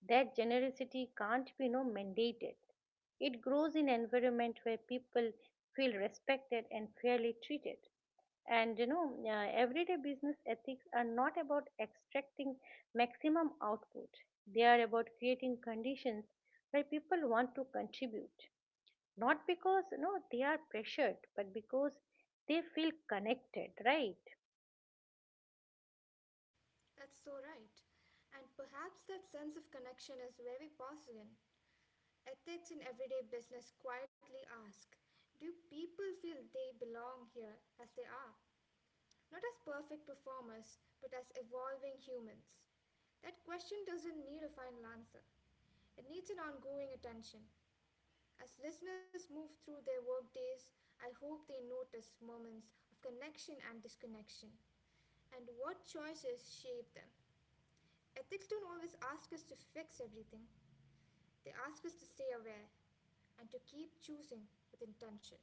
[SPEAKER 1] That generosity can't be, no, mandated. It grows in an environment where people feel respected and fairly treated. And everyday business ethics are not about extracting maximum output, they are about creating conditions where people want to contribute, not because, they are pressured, but because they feel connected, right?
[SPEAKER 2] That's so right. And perhaps that sense of connection is very Bosnian. Ethics in everyday business quietly ask, do people feel they belong here as they are? Not as perfect performers, but as evolving humans? That question doesn't need a final answer. It needs an ongoing attention. As listeners move through their workdays, I hope they notice moments of connection and disconnection, and what choices shape them. Ethics don't always ask us to fix everything, they ask us to stay aware and to keep choosing with intention.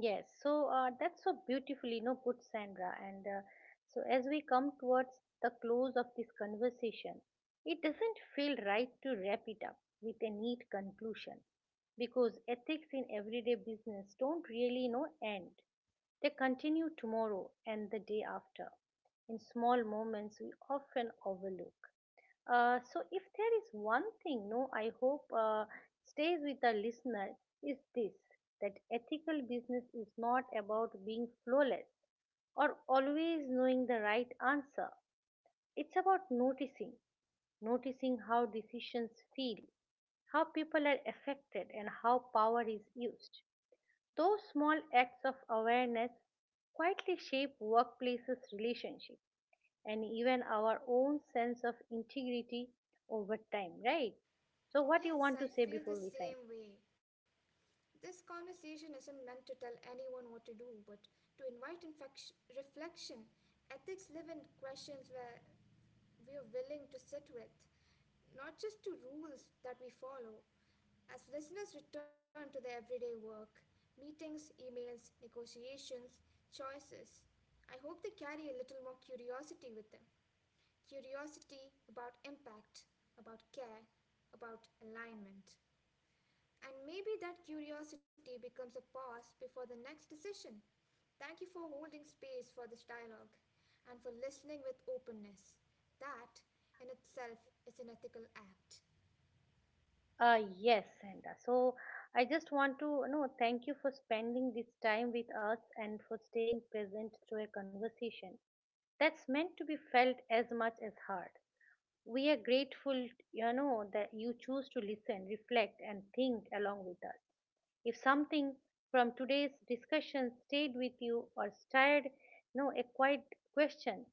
[SPEAKER 1] Yes, so that's so beautifully, no, put, Sandra. And so as we come towards the close of this conversation, it doesn't feel right to wrap it up with a neat conclusion, because ethics in everyday business don't really, end. They continue tomorrow and the day after in small moments we often overlook. So, if there is one thing, no, I hope stays with the listener is this: that ethical business is not about being flawless or always knowing the right answer. It's about noticing, noticing how decisions feel, how people are affected, and how power is used. Those small acts of awareness quietly shape workplaces' relationships and even our own sense of integrity over time, right? So, what you
[SPEAKER 2] Yes,
[SPEAKER 1] want to
[SPEAKER 2] I
[SPEAKER 1] say
[SPEAKER 2] feel the
[SPEAKER 1] before we sign?
[SPEAKER 2] same way. This conversation isn't meant to tell anyone what to do, but to invite reflection. Ethics live in questions where we are willing to sit with, not just to rules that we follow. As listeners return to their everyday work, meetings, emails, negotiations, choices, I hope they carry a little more curiosity with them. Curiosity about impact, about care, about alignment. And maybe that curiosity becomes a pause before the next decision. Thank you for holding space for this dialogue and for listening with openness. That in itself is an ethical act.
[SPEAKER 1] Yes, Sandra. So, I just want to, thank you for spending this time with us and for staying present through a conversation that's meant to be felt as much as heard. We are grateful, that you choose to listen, reflect, and think along with us. If something from today's discussion stayed with you or stirred, no, a quiet question,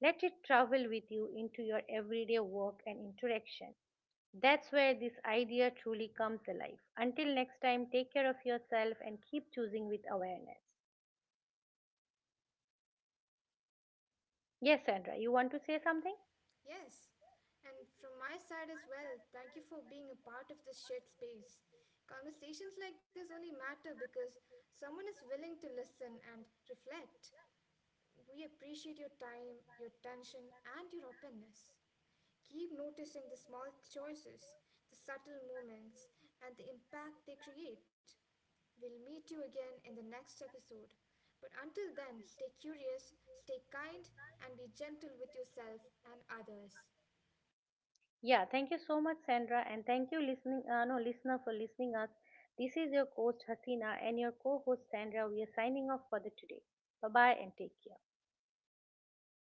[SPEAKER 1] let it travel with you into your everyday work and interaction. That's where this idea truly comes alive. Until next time, take care of yourself and keep choosing with awareness. Yes, Sandra, you want to say something?
[SPEAKER 2] Yes, and from my side as well, thank you for being a part of this shared space. Conversations like this only matter because someone is willing to listen and reflect. We appreciate your time, your attention, and your openness. Keep noticing the small choices, the subtle moments, and the impact they create. We'll meet you again in the next episode. But until then, stay curious, stay kind, and be gentle with yourself and others.
[SPEAKER 1] Yeah, thank you so much, Sandra, and thank you, listening, no, listener, for listening us. This is your host Hasina and your co-host Sandra. We are signing off for the today. Bye bye and take care.